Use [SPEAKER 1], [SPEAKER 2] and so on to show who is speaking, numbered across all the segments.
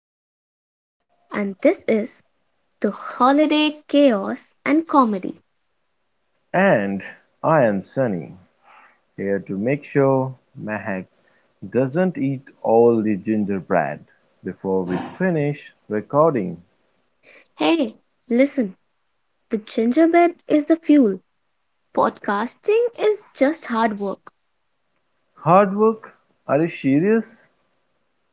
[SPEAKER 1] am Mehak, and this is the Holiday Chaos and Comedy.
[SPEAKER 2] And I am Sunny, here to make sure Mahak doesn't eat all the gingerbread before we finish recording.
[SPEAKER 1] Hey, listen, the gingerbread is the fuel. Podcasting is just hard work.
[SPEAKER 2] Hard work? Are you serious?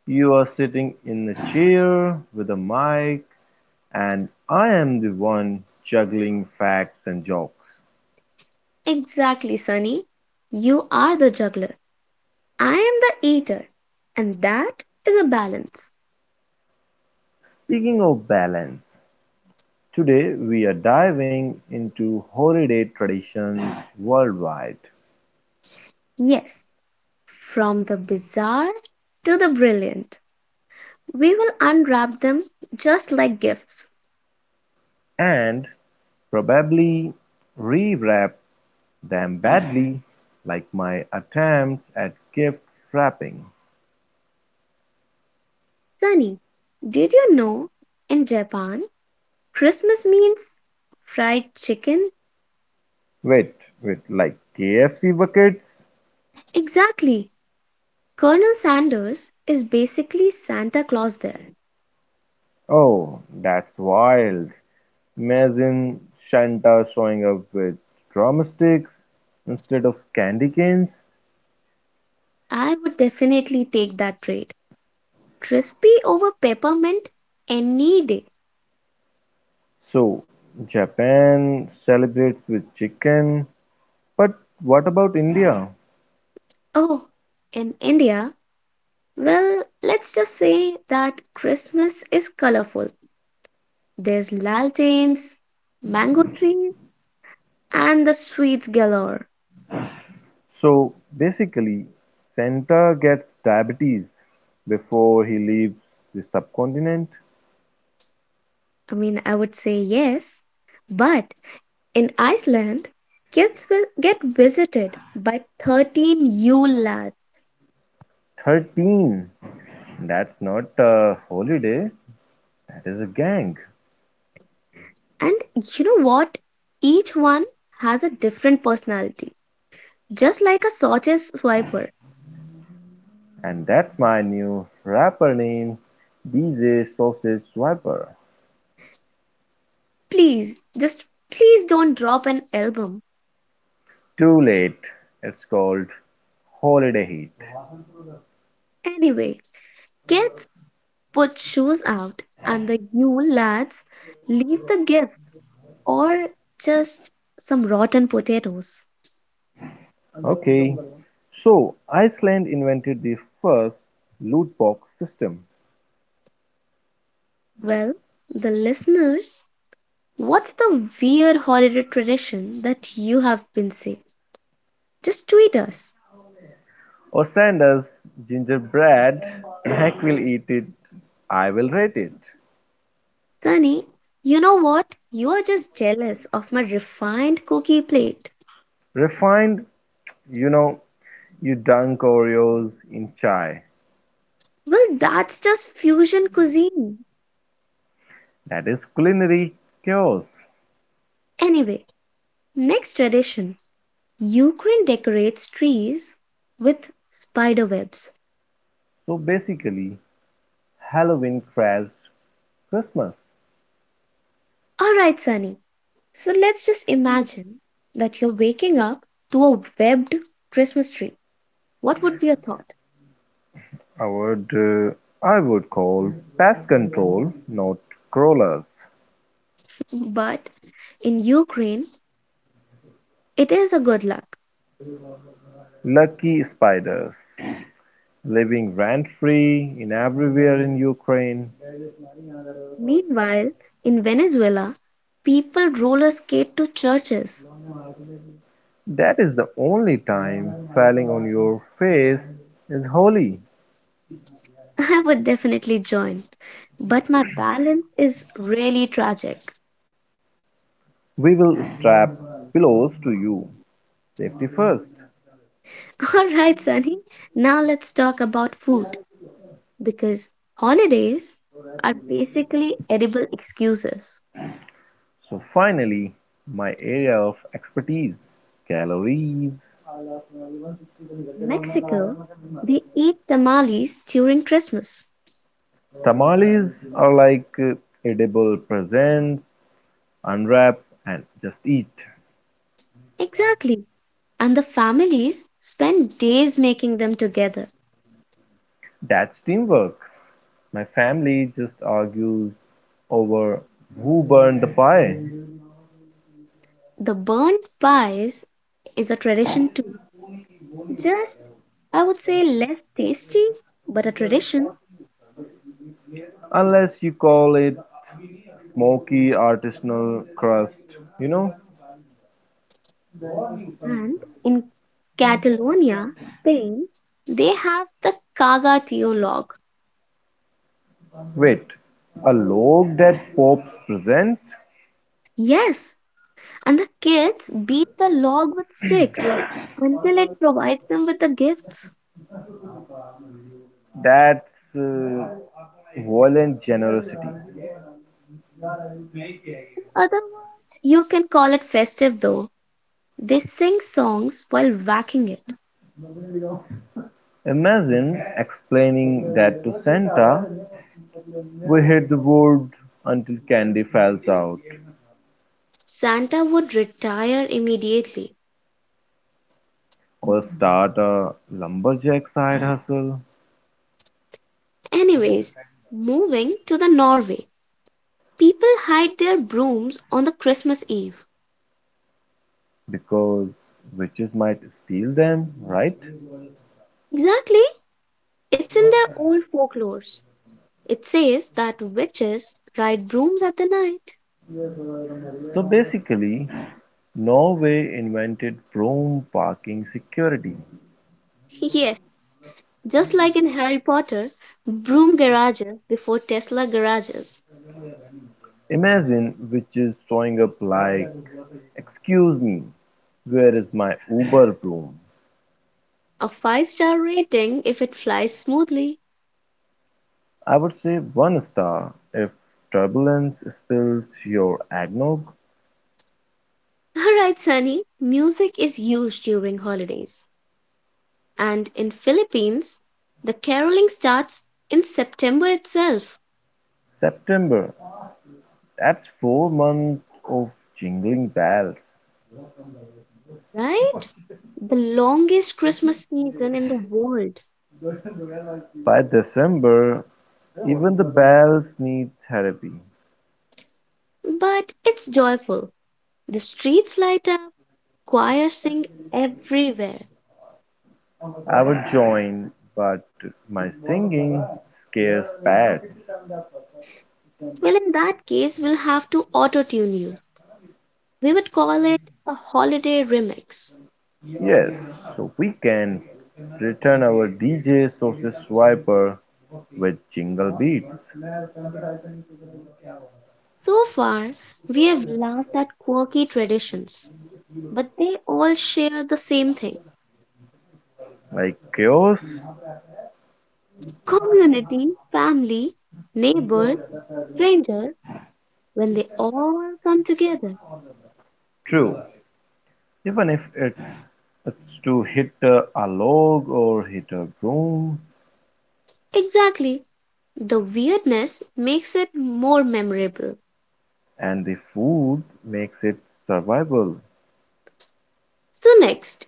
[SPEAKER 2] You are sitting in a chair with a mic, and I am the one juggling facts and jokes.
[SPEAKER 1] Exactly, Sunny. You are the juggler. I am the eater. And that is a balance.
[SPEAKER 2] Speaking of balance, today we are diving into holiday traditions worldwide
[SPEAKER 1] Yes, from the bizarre to the brilliant. We will unwrap them just like gifts.
[SPEAKER 2] and probably rewrap them badly, like my attempts at gift wrapping.
[SPEAKER 1] Sunny, did you know in Japan Christmas means fried chicken?
[SPEAKER 2] Wait, wait, like KFC buckets?
[SPEAKER 1] Exactly. Colonel Sanders is basically Santa Claus there.
[SPEAKER 2] Oh, that's wild. Imagine Shanta showing up with drumsticks instead of candy canes.
[SPEAKER 1] I would definitely take that trade. Crispy over peppermint any day.
[SPEAKER 2] So, Japan celebrates with chicken, but what about India?
[SPEAKER 1] Oh, in India, well, let's just say that Christmas is colorful. There's lanterns, mango trees, and the sweets galore.
[SPEAKER 2] So, basically, Santa gets diabetes before he leaves the subcontinent.
[SPEAKER 1] I mean, I would say yes, but in Iceland, kids will get visited by 13 Yule lads.
[SPEAKER 2] 13. That's not a holiday. That is a gang.
[SPEAKER 1] And you know what? Each one has a different personality, just like a sausage swiper.
[SPEAKER 2] And that's my new rapper name, DJ Sausage Swiper.
[SPEAKER 1] Please, just please don't drop an album.
[SPEAKER 2] Too late. It's called Holiday Heat.
[SPEAKER 1] Anyway, kids put shoes out, and the Yule lads leave the gift or just some rotten potatoes.
[SPEAKER 2] Okay. So Iceland invented the first loot box system.
[SPEAKER 1] Well, the listeners What's the weird holiday tradition that you have been seeing? Just tweet us.
[SPEAKER 2] Or send us gingerbread. Heck will eat it. I will rate it.
[SPEAKER 1] Sunny, you know what? You're just jealous of my refined cookie plate.
[SPEAKER 2] Refined, you know, you dunk Oreos in chai.
[SPEAKER 1] Well, that's just fusion cuisine.
[SPEAKER 2] That is culinary chaos.
[SPEAKER 1] Anyway, next tradition Ukraine decorates trees with spider webs.
[SPEAKER 2] So basically, Halloween crashed Christmas.
[SPEAKER 1] Alright, Sunny. So let's just imagine that you're waking up to a webbed Christmas tree. What would be your thought?
[SPEAKER 2] I would, uh, I would call pest control, not crawlers.
[SPEAKER 1] But in Ukraine, it is a good luck.
[SPEAKER 2] Lucky spiders, living rent-free in everywhere in Ukraine.
[SPEAKER 1] Meanwhile, in Venezuela, people roller skate to churches.
[SPEAKER 2] That is the only time falling on your face is holy.
[SPEAKER 1] I would definitely join, but my balance is really tragic.
[SPEAKER 2] We will strap pillows to you, safety first.
[SPEAKER 1] All right, Sunny, now let's talk about food because holidays are basically edible excuses.
[SPEAKER 2] So finally, my area of expertise, calories.
[SPEAKER 1] Mexico, they eat tamales during Christmas.
[SPEAKER 2] Tamales are like edible presents, unwrap and just eat.
[SPEAKER 1] Exactly. And the families spend days making them together.
[SPEAKER 2] That's teamwork. My family just argues over who burned the pie,
[SPEAKER 1] The burnt pies is a tradition too. Just, I would say, less tasty, but a tradition.
[SPEAKER 2] unless you call it smoky artisanal crust. You know,
[SPEAKER 1] And in Catalonia, Spain, they have the cagatillo log.
[SPEAKER 2] wait, a log that pops present?
[SPEAKER 1] Yes, and the kids beat the log with sticks until it provides them with the gifts.
[SPEAKER 2] That's uh, violent generosity.
[SPEAKER 1] In other words, you can call it festive though. They sing songs while whacking it.
[SPEAKER 2] Imagine explaining that to Santa. We hit the wood until candy falls out.
[SPEAKER 1] Santa would retire immediately.
[SPEAKER 2] Or start a lumberjack side hustle
[SPEAKER 1] Anyways, moving to the Norway. People hide their brooms on the Christmas Eve.
[SPEAKER 2] because witches might steal them, right?
[SPEAKER 1] Exactly. It's in their old folklores. It says that witches ride brooms at the night.
[SPEAKER 2] So basically, Norway invented broom parking security.
[SPEAKER 1] Yes, just like in Harry Potter, broom garages before Tesla garages.
[SPEAKER 2] Imagine witches showing up like, excuse me, where is my Uber broom?
[SPEAKER 1] A five-star rating if it flies smoothly.
[SPEAKER 2] I would say one star if turbulence spills your eggnog.
[SPEAKER 1] Alright, Sunny, music is huge during holidays. And in Philippines, the caroling starts in September itself.
[SPEAKER 2] September, that's 4 months of jingling bells.
[SPEAKER 1] Right? The longest Christmas season in the world.
[SPEAKER 2] By December, even the bells need therapy.
[SPEAKER 1] But it's joyful. The streets light up, choirs sing everywhere.
[SPEAKER 2] I would join, but my singing scares pets.
[SPEAKER 1] Well, in that case, we'll have to auto tune you. We would call it a holiday remix.
[SPEAKER 2] Yes, so we can return our DJ Sausage Swiper with jingle beats
[SPEAKER 1] So far, we have laughed at quirky traditions, but they all share the same thing
[SPEAKER 2] like chaos.
[SPEAKER 1] community, family, neighbor, stranger, when they all come together.
[SPEAKER 2] True. Even if it's to hit a log or hit a broom,
[SPEAKER 1] Exactly. The weirdness makes it more memorable.
[SPEAKER 2] and the food makes it survivable.
[SPEAKER 1] So, next,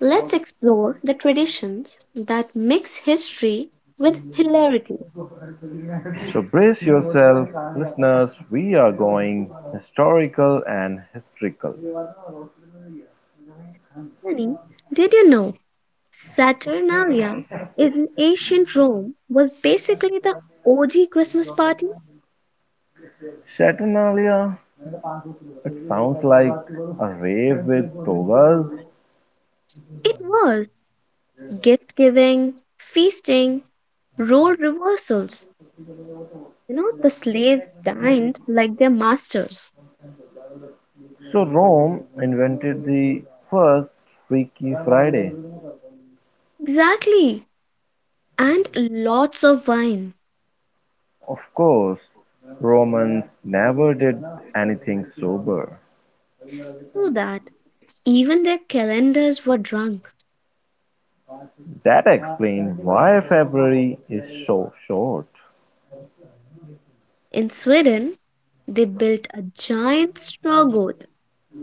[SPEAKER 1] let's explore the traditions that mix history with hilarity.
[SPEAKER 2] So brace yourself, listeners. We are going historical and historical.
[SPEAKER 1] Sunny, did you know Saturnalia in ancient Rome was basically the OG Christmas party?
[SPEAKER 2] Saturnalia, it sounds like a rave with togas.
[SPEAKER 1] It was gift giving, feasting, role reversals. You know, the slaves dined like their masters.
[SPEAKER 2] So Rome invented the first Freaky Friday.
[SPEAKER 1] Exactly. And lots of wine.
[SPEAKER 2] Of course, Romans never did anything sober.
[SPEAKER 1] So that Even their calendars were drunk.
[SPEAKER 2] That explains why February is so short.
[SPEAKER 1] In Sweden, they built a giant straw goat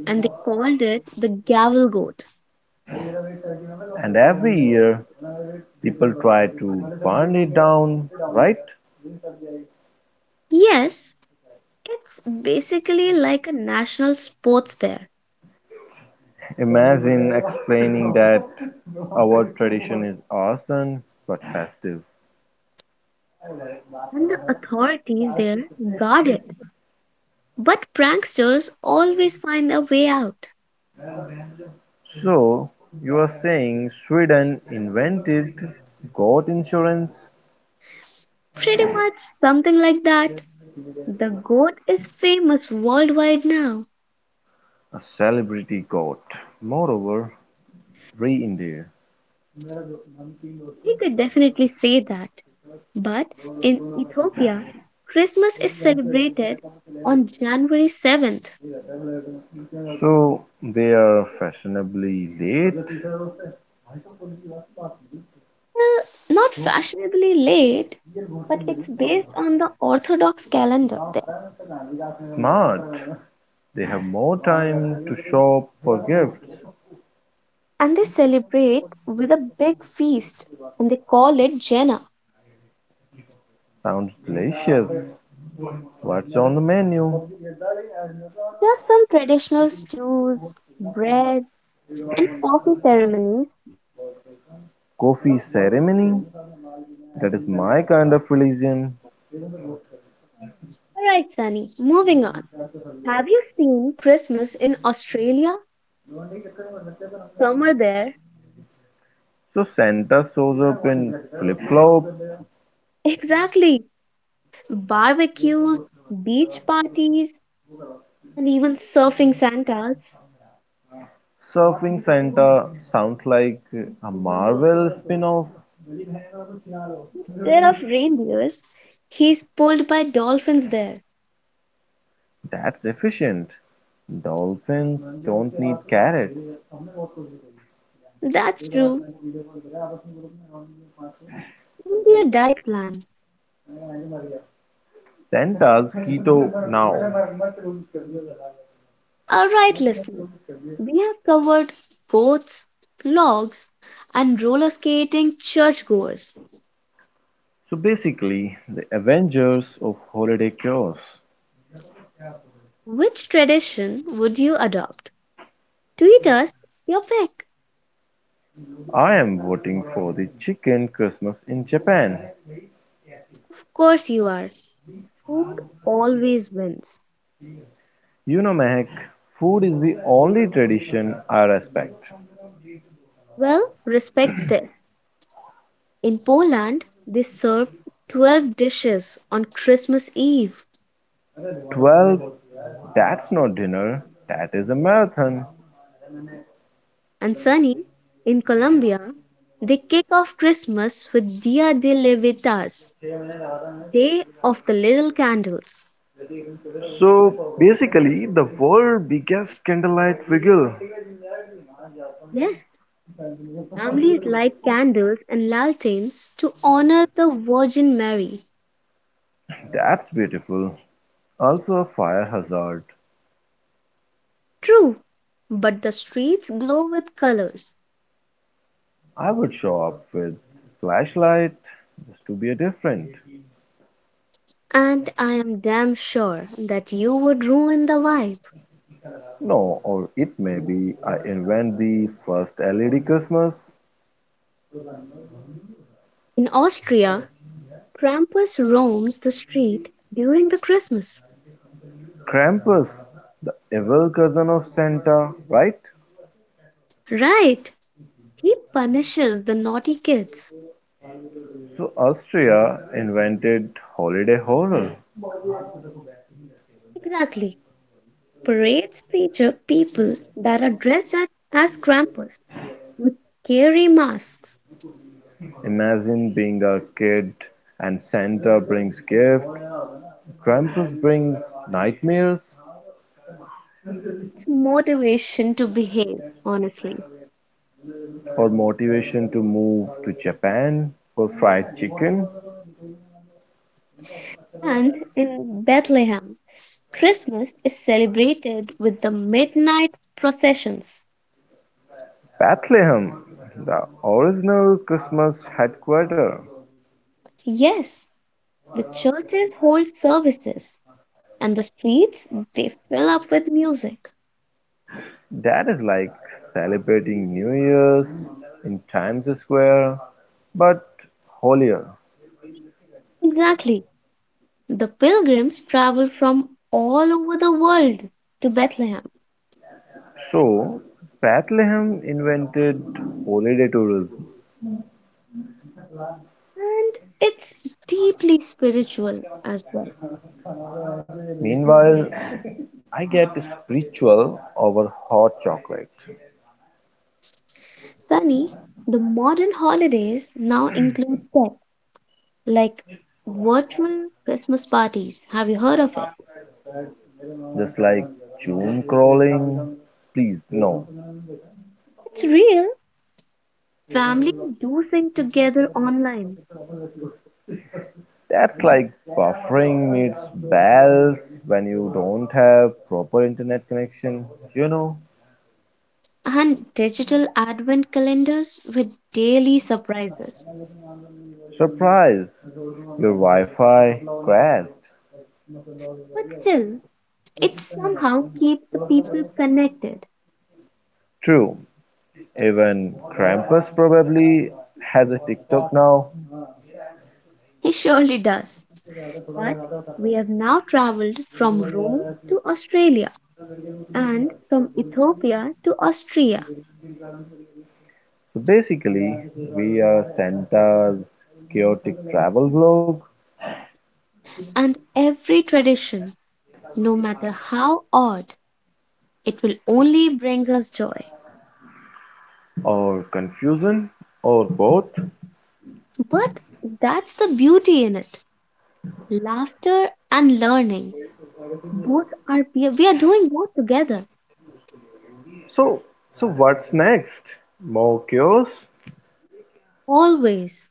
[SPEAKER 1] and they called it the gavel goat.
[SPEAKER 2] And every year, people try to burn it down, right?
[SPEAKER 1] Yes, it's basically like a national sports there,
[SPEAKER 2] Imagine explaining that our tradition is awesome but festive.
[SPEAKER 1] and the authorities there guard it. But pranksters always find a way out.
[SPEAKER 2] So you're saying Sweden invented "goat insurance",
[SPEAKER 1] Pretty much something like that. The goat is famous worldwide now.
[SPEAKER 2] a celebrity goat, moreover India.
[SPEAKER 1] We could definitely say that. But in Ethiopia, Christmas is celebrated on January 7th.
[SPEAKER 2] So they're fashionably late?
[SPEAKER 1] Well, not fashionably late, but it's based on the Orthodox calendar there.
[SPEAKER 2] Smart. They have more time to shop for gifts.
[SPEAKER 1] And they celebrate with a big feast and they call it Jena.
[SPEAKER 2] Sounds delicious. What's on the menu?
[SPEAKER 1] There are some traditional stews, bread, and coffee ceremonies.
[SPEAKER 2] Coffee ceremony? That is my kind of religion.
[SPEAKER 1] Alright, Sunny, moving on. Have you seen Christmas in Australia? Summer there.
[SPEAKER 2] So Santa shows up in flip-flop.
[SPEAKER 1] Exactly. Barbecues, beach parties, and even surfing Santas.
[SPEAKER 2] Surfing Santa sounds like a Marvel spin-off.
[SPEAKER 1] Instead of reindeers, he's pulled by dolphins there.
[SPEAKER 2] That's efficient. Dolphins don't need carrots.
[SPEAKER 1] That's true, just fish. Easier diet plan.
[SPEAKER 2] Santa's keto now.
[SPEAKER 1] Alright, listeners, we have covered goats, logs, and roller skating churchgoers.
[SPEAKER 2] So basically, the Avengers of holiday chaos.
[SPEAKER 1] Which tradition would you adopt? Tweet us your pick.
[SPEAKER 2] I am voting for the chicken Christmas in Japan.
[SPEAKER 1] Of course, you are. Food always wins.
[SPEAKER 2] Mehak, food is the only tradition I respect.
[SPEAKER 1] Well, respect this. In Poland, they serve 12 dishes on Christmas Eve.
[SPEAKER 2] 12. That's not dinner, that is a marathon.
[SPEAKER 1] And Sunny, in Colombia, they kick off Christmas with Dia de Levitas, Day of the Little Candles.
[SPEAKER 2] So basically, the world biggest candlelight vigil.
[SPEAKER 1] Yes, families light candles and lanterns to honor the Virgin Mary.
[SPEAKER 2] That's beautiful. Also a fire hazard.
[SPEAKER 1] True, but the streets glow with colors.
[SPEAKER 2] I would show up with flashlight just to be a different.
[SPEAKER 1] And I am damn sure that you would ruin the vibe.
[SPEAKER 2] No, or it may be I invent the first LED Christmas.
[SPEAKER 1] In Austria, Krampus roams the street during the Christmas.
[SPEAKER 2] Krampus, the evil cousin of Santa, right?
[SPEAKER 1] Right. He punishes the naughty kids.
[SPEAKER 2] So Austria invented holiday horror.
[SPEAKER 1] Exactly. Parades feature people that are dressed up as Krampus with scary masks.
[SPEAKER 2] Imagine being a kid and Santa brings gifts, Krampus brings nightmares,
[SPEAKER 1] It's motivation to behave, honestly.
[SPEAKER 2] or motivation to move to Japan for fried chicken.
[SPEAKER 1] And in Bethlehem, Christmas is celebrated with the midnight processions.
[SPEAKER 2] Bethlehem, the original Christmas headquarters.
[SPEAKER 1] Yes, the churches hold services and the streets they fill up with music.
[SPEAKER 2] That is like celebrating New Year's in Times Square, but holier.
[SPEAKER 1] Exactly. The pilgrims travel from all over the world to Bethlehem,
[SPEAKER 2] So, Bethlehem invented holiday tourism.
[SPEAKER 1] and it's deeply spiritual as well.
[SPEAKER 2] Meanwhile, I get spiritual over hot chocolate.
[SPEAKER 1] Sunny, the modern holidays now include tech, like virtual Christmas parties. Have you heard of it?
[SPEAKER 2] Just like June crawling. Please, no.
[SPEAKER 1] It's real. Families do sing together online,
[SPEAKER 2] That's like buffering meets bells when you don't have proper internet connection. You know,
[SPEAKER 1] and digital advent calendars with daily surprises.
[SPEAKER 2] surprise, your Wi Fi crashed.
[SPEAKER 1] But still, it somehow keeps the people connected.
[SPEAKER 2] True, even Krampus probably has a TikTok now.
[SPEAKER 1] He surely does. But we have now traveled from Rome to Australia, and from Ethiopia to Austria,
[SPEAKER 2] So basically, we are Santa's chaotic travel vlog,
[SPEAKER 1] and every tradition, no matter how odd, it will only brings us joy.
[SPEAKER 2] or confusion, or both.
[SPEAKER 1] But that's the beauty in it. Laughter and learning, both are we are doing both together.
[SPEAKER 2] So, so what's next? More chaos?
[SPEAKER 1] Always,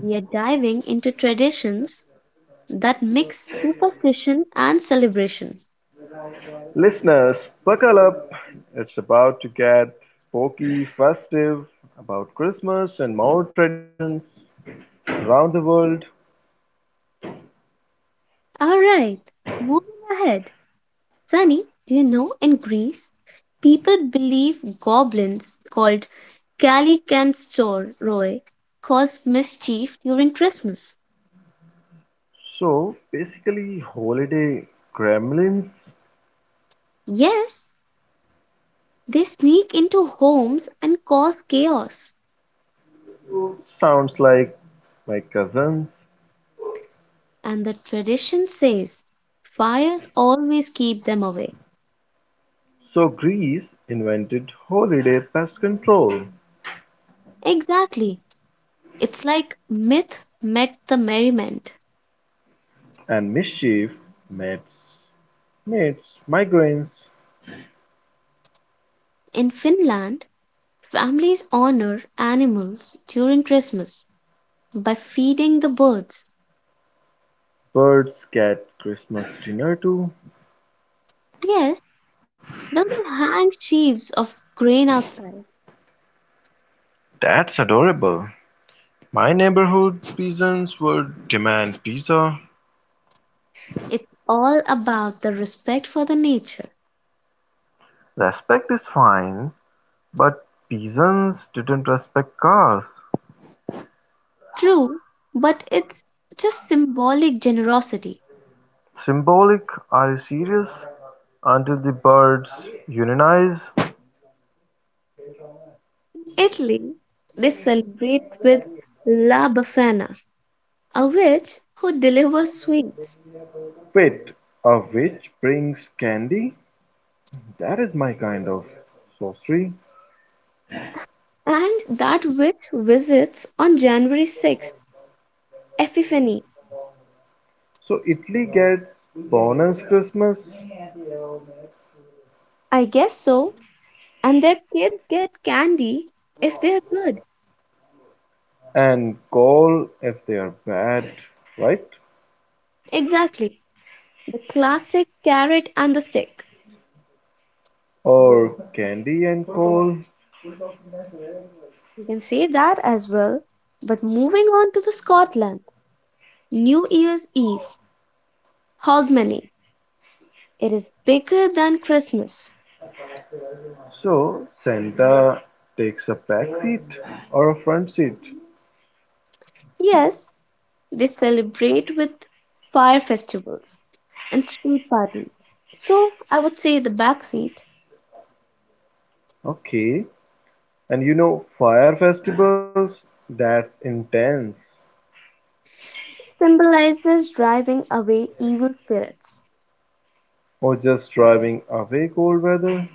[SPEAKER 1] we are diving into traditions that mix superstition and celebration.
[SPEAKER 2] Listeners, buckle up. It's about to get spooky, festive, about Christmas and more traditions around the world.
[SPEAKER 1] All right, moving ahead. Sunny, do you know in Greece, people believe goblins called Kalikansoroi cause mischief during Christmas.
[SPEAKER 2] So basically, holiday gremlins
[SPEAKER 1] Yes, they sneak into homes and cause chaos.
[SPEAKER 2] sounds like my cousins.
[SPEAKER 1] And the tradition says fires always keep them away.
[SPEAKER 2] So Greece invented holiday pest control,
[SPEAKER 1] Exactly. It's like myth met the merriment.
[SPEAKER 2] and mischief, mates. Mates, migraines,
[SPEAKER 1] In Finland, families honor animals during Christmas by feeding the birds.
[SPEAKER 2] birds get Christmas dinner too.
[SPEAKER 1] Yes, then they hang sheaves of grain outside.
[SPEAKER 2] That's adorable. My neighborhood peasants would demand pizza.
[SPEAKER 1] It's all about the respect for the nature.
[SPEAKER 2] Respect is fine, but peasants didn't respect cars.
[SPEAKER 1] True, but it's just symbolic generosity.
[SPEAKER 2] Symbolic, are you serious? Until the birds unionize?
[SPEAKER 1] In Italy, they celebrate with La Befana, a witch who delivers sweets.
[SPEAKER 2] Wait, a witch brings candy? That is my kind of sorcery.
[SPEAKER 1] And that witch visits on January 6th, Epiphany.
[SPEAKER 2] So Italy gets bonus Christmas
[SPEAKER 1] I guess so. And their kids get candy if they're good.
[SPEAKER 2] and coal if they are bad, right?
[SPEAKER 1] Exactly. The classic carrot and the stick.
[SPEAKER 2] Or candy and coal.
[SPEAKER 1] You can say that as well. But moving on to the Scotland, New Year's Eve, Hogmanay. It is bigger than Christmas.
[SPEAKER 2] So Santa takes a back seat or a front seat.
[SPEAKER 1] Yes, they celebrate with fire festivals and street parties. So I would say the backseat
[SPEAKER 2] Okay. And fire festivals, that's intense.
[SPEAKER 1] symbolizes driving away evil spirits.
[SPEAKER 2] Or just driving away cold weather.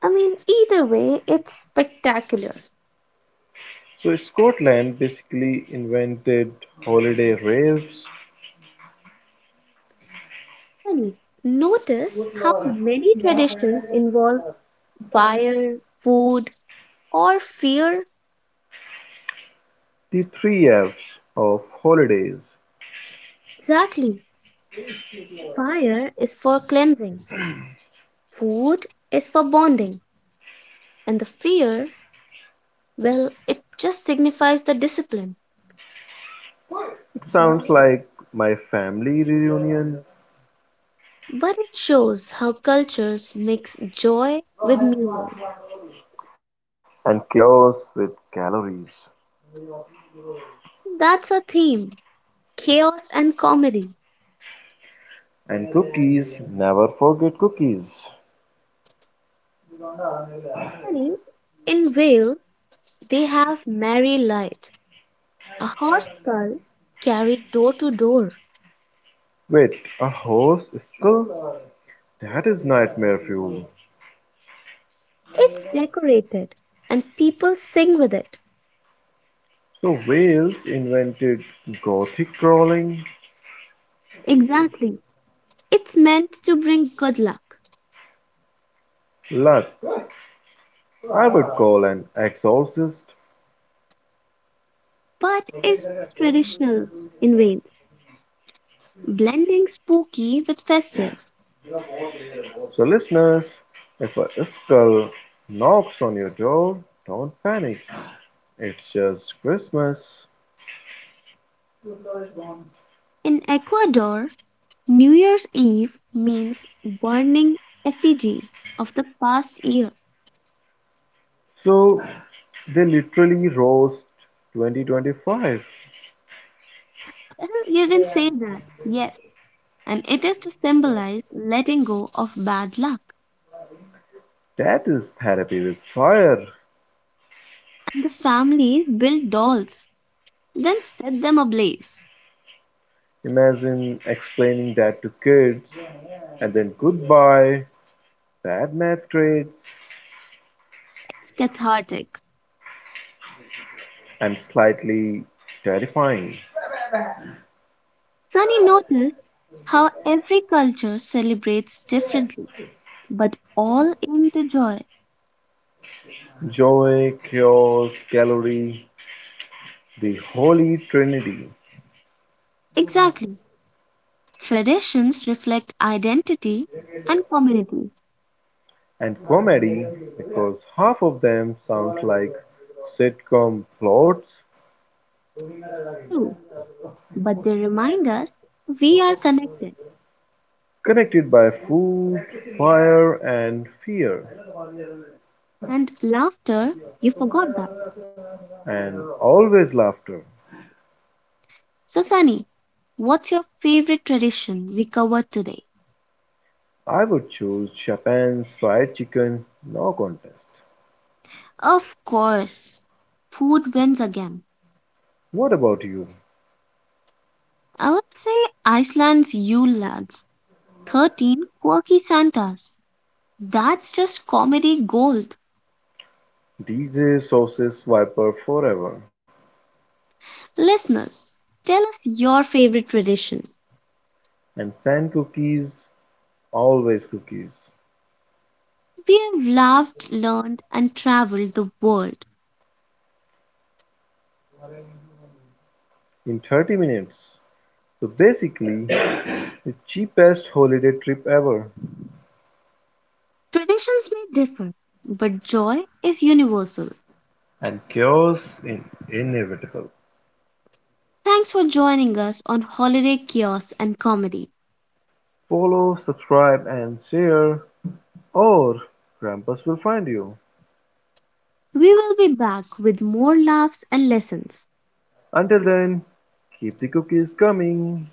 [SPEAKER 1] I mean, either way, it's spectacular.
[SPEAKER 2] So Scotland basically invented holiday raves.
[SPEAKER 1] And notice how many traditions involve fire, food, or fear?
[SPEAKER 2] The three F's of holidays.
[SPEAKER 1] Exactly. Fire is for cleansing, food is for bonding, and the fear, well, it just signifies the discipline.
[SPEAKER 2] It sounds like my family reunion
[SPEAKER 1] But it shows how cultures mix joy with meaning.
[SPEAKER 2] and chaos with calories
[SPEAKER 1] That's a theme chaos and comedy.
[SPEAKER 2] and cookies. Never forget cookies.
[SPEAKER 1] Funny, in Wales, they have Merry Light, a horse skull carried door to door.
[SPEAKER 2] Wait, a horse skull? That is nightmare fuel.
[SPEAKER 1] It's decorated, and people sing with it.
[SPEAKER 2] So Wales invented gothic crawling?
[SPEAKER 1] Exactly. It's meant to bring good luck,
[SPEAKER 2] Luck, I would call an exorcist.
[SPEAKER 1] but is traditional in vain, blending spooky with festive.
[SPEAKER 2] So listeners, if a skull knocks on your door, don't panic. It's just Christmas.
[SPEAKER 1] In Ecuador, New Year's Eve means burning effigies of the past year.
[SPEAKER 2] So they literally roast 2025.
[SPEAKER 1] Well, you can say that, yes. And it is to symbolize letting go of bad luck.
[SPEAKER 2] That is therapy with fire.
[SPEAKER 1] And the families build dolls, then set them ablaze.
[SPEAKER 2] Imagine explaining that to kids and then goodbye, bad math grades,
[SPEAKER 1] It's cathartic.
[SPEAKER 2] and slightly terrifying.
[SPEAKER 1] Sunny noticed how every culture celebrates differently, but all aim to joy.
[SPEAKER 2] Joy, chaos, gallery, the holy trinity,
[SPEAKER 1] Exactly. Traditions reflect identity and community
[SPEAKER 2] and comedy because half of them sound like sitcom plots.
[SPEAKER 1] too, but they remind us we are connected.
[SPEAKER 2] Connected by food, fire, and fear.
[SPEAKER 1] And laughter, you forgot that.
[SPEAKER 2] And always laughter.
[SPEAKER 1] So, Sunny, what's your favorite tradition we covered today?
[SPEAKER 2] I would choose Chopin's Fried Chicken, no contest.
[SPEAKER 1] Of course, food wins again.
[SPEAKER 2] What about you?
[SPEAKER 1] I would say Iceland's Yule lads, 13 quirky Santas That's just comedy gold.
[SPEAKER 2] DJ Sausage Swiper forever.
[SPEAKER 1] Listeners, tell us your favorite tradition.
[SPEAKER 2] And sand cookies, always cookies.
[SPEAKER 1] We've laughed, learned, and traveled the world.
[SPEAKER 2] In 30 minutes. So basically, the cheapest holiday trip ever.
[SPEAKER 1] Traditions may differ, but joy is universal.
[SPEAKER 2] And chaos is inevitable.
[SPEAKER 1] Thanks for joining us on Holiday Chaos and Comedy.
[SPEAKER 2] Follow, subscribe, and share. Or Krampus will find you.
[SPEAKER 1] We will be back with more laughs and lessons.
[SPEAKER 2] Until then, keep the cookies coming!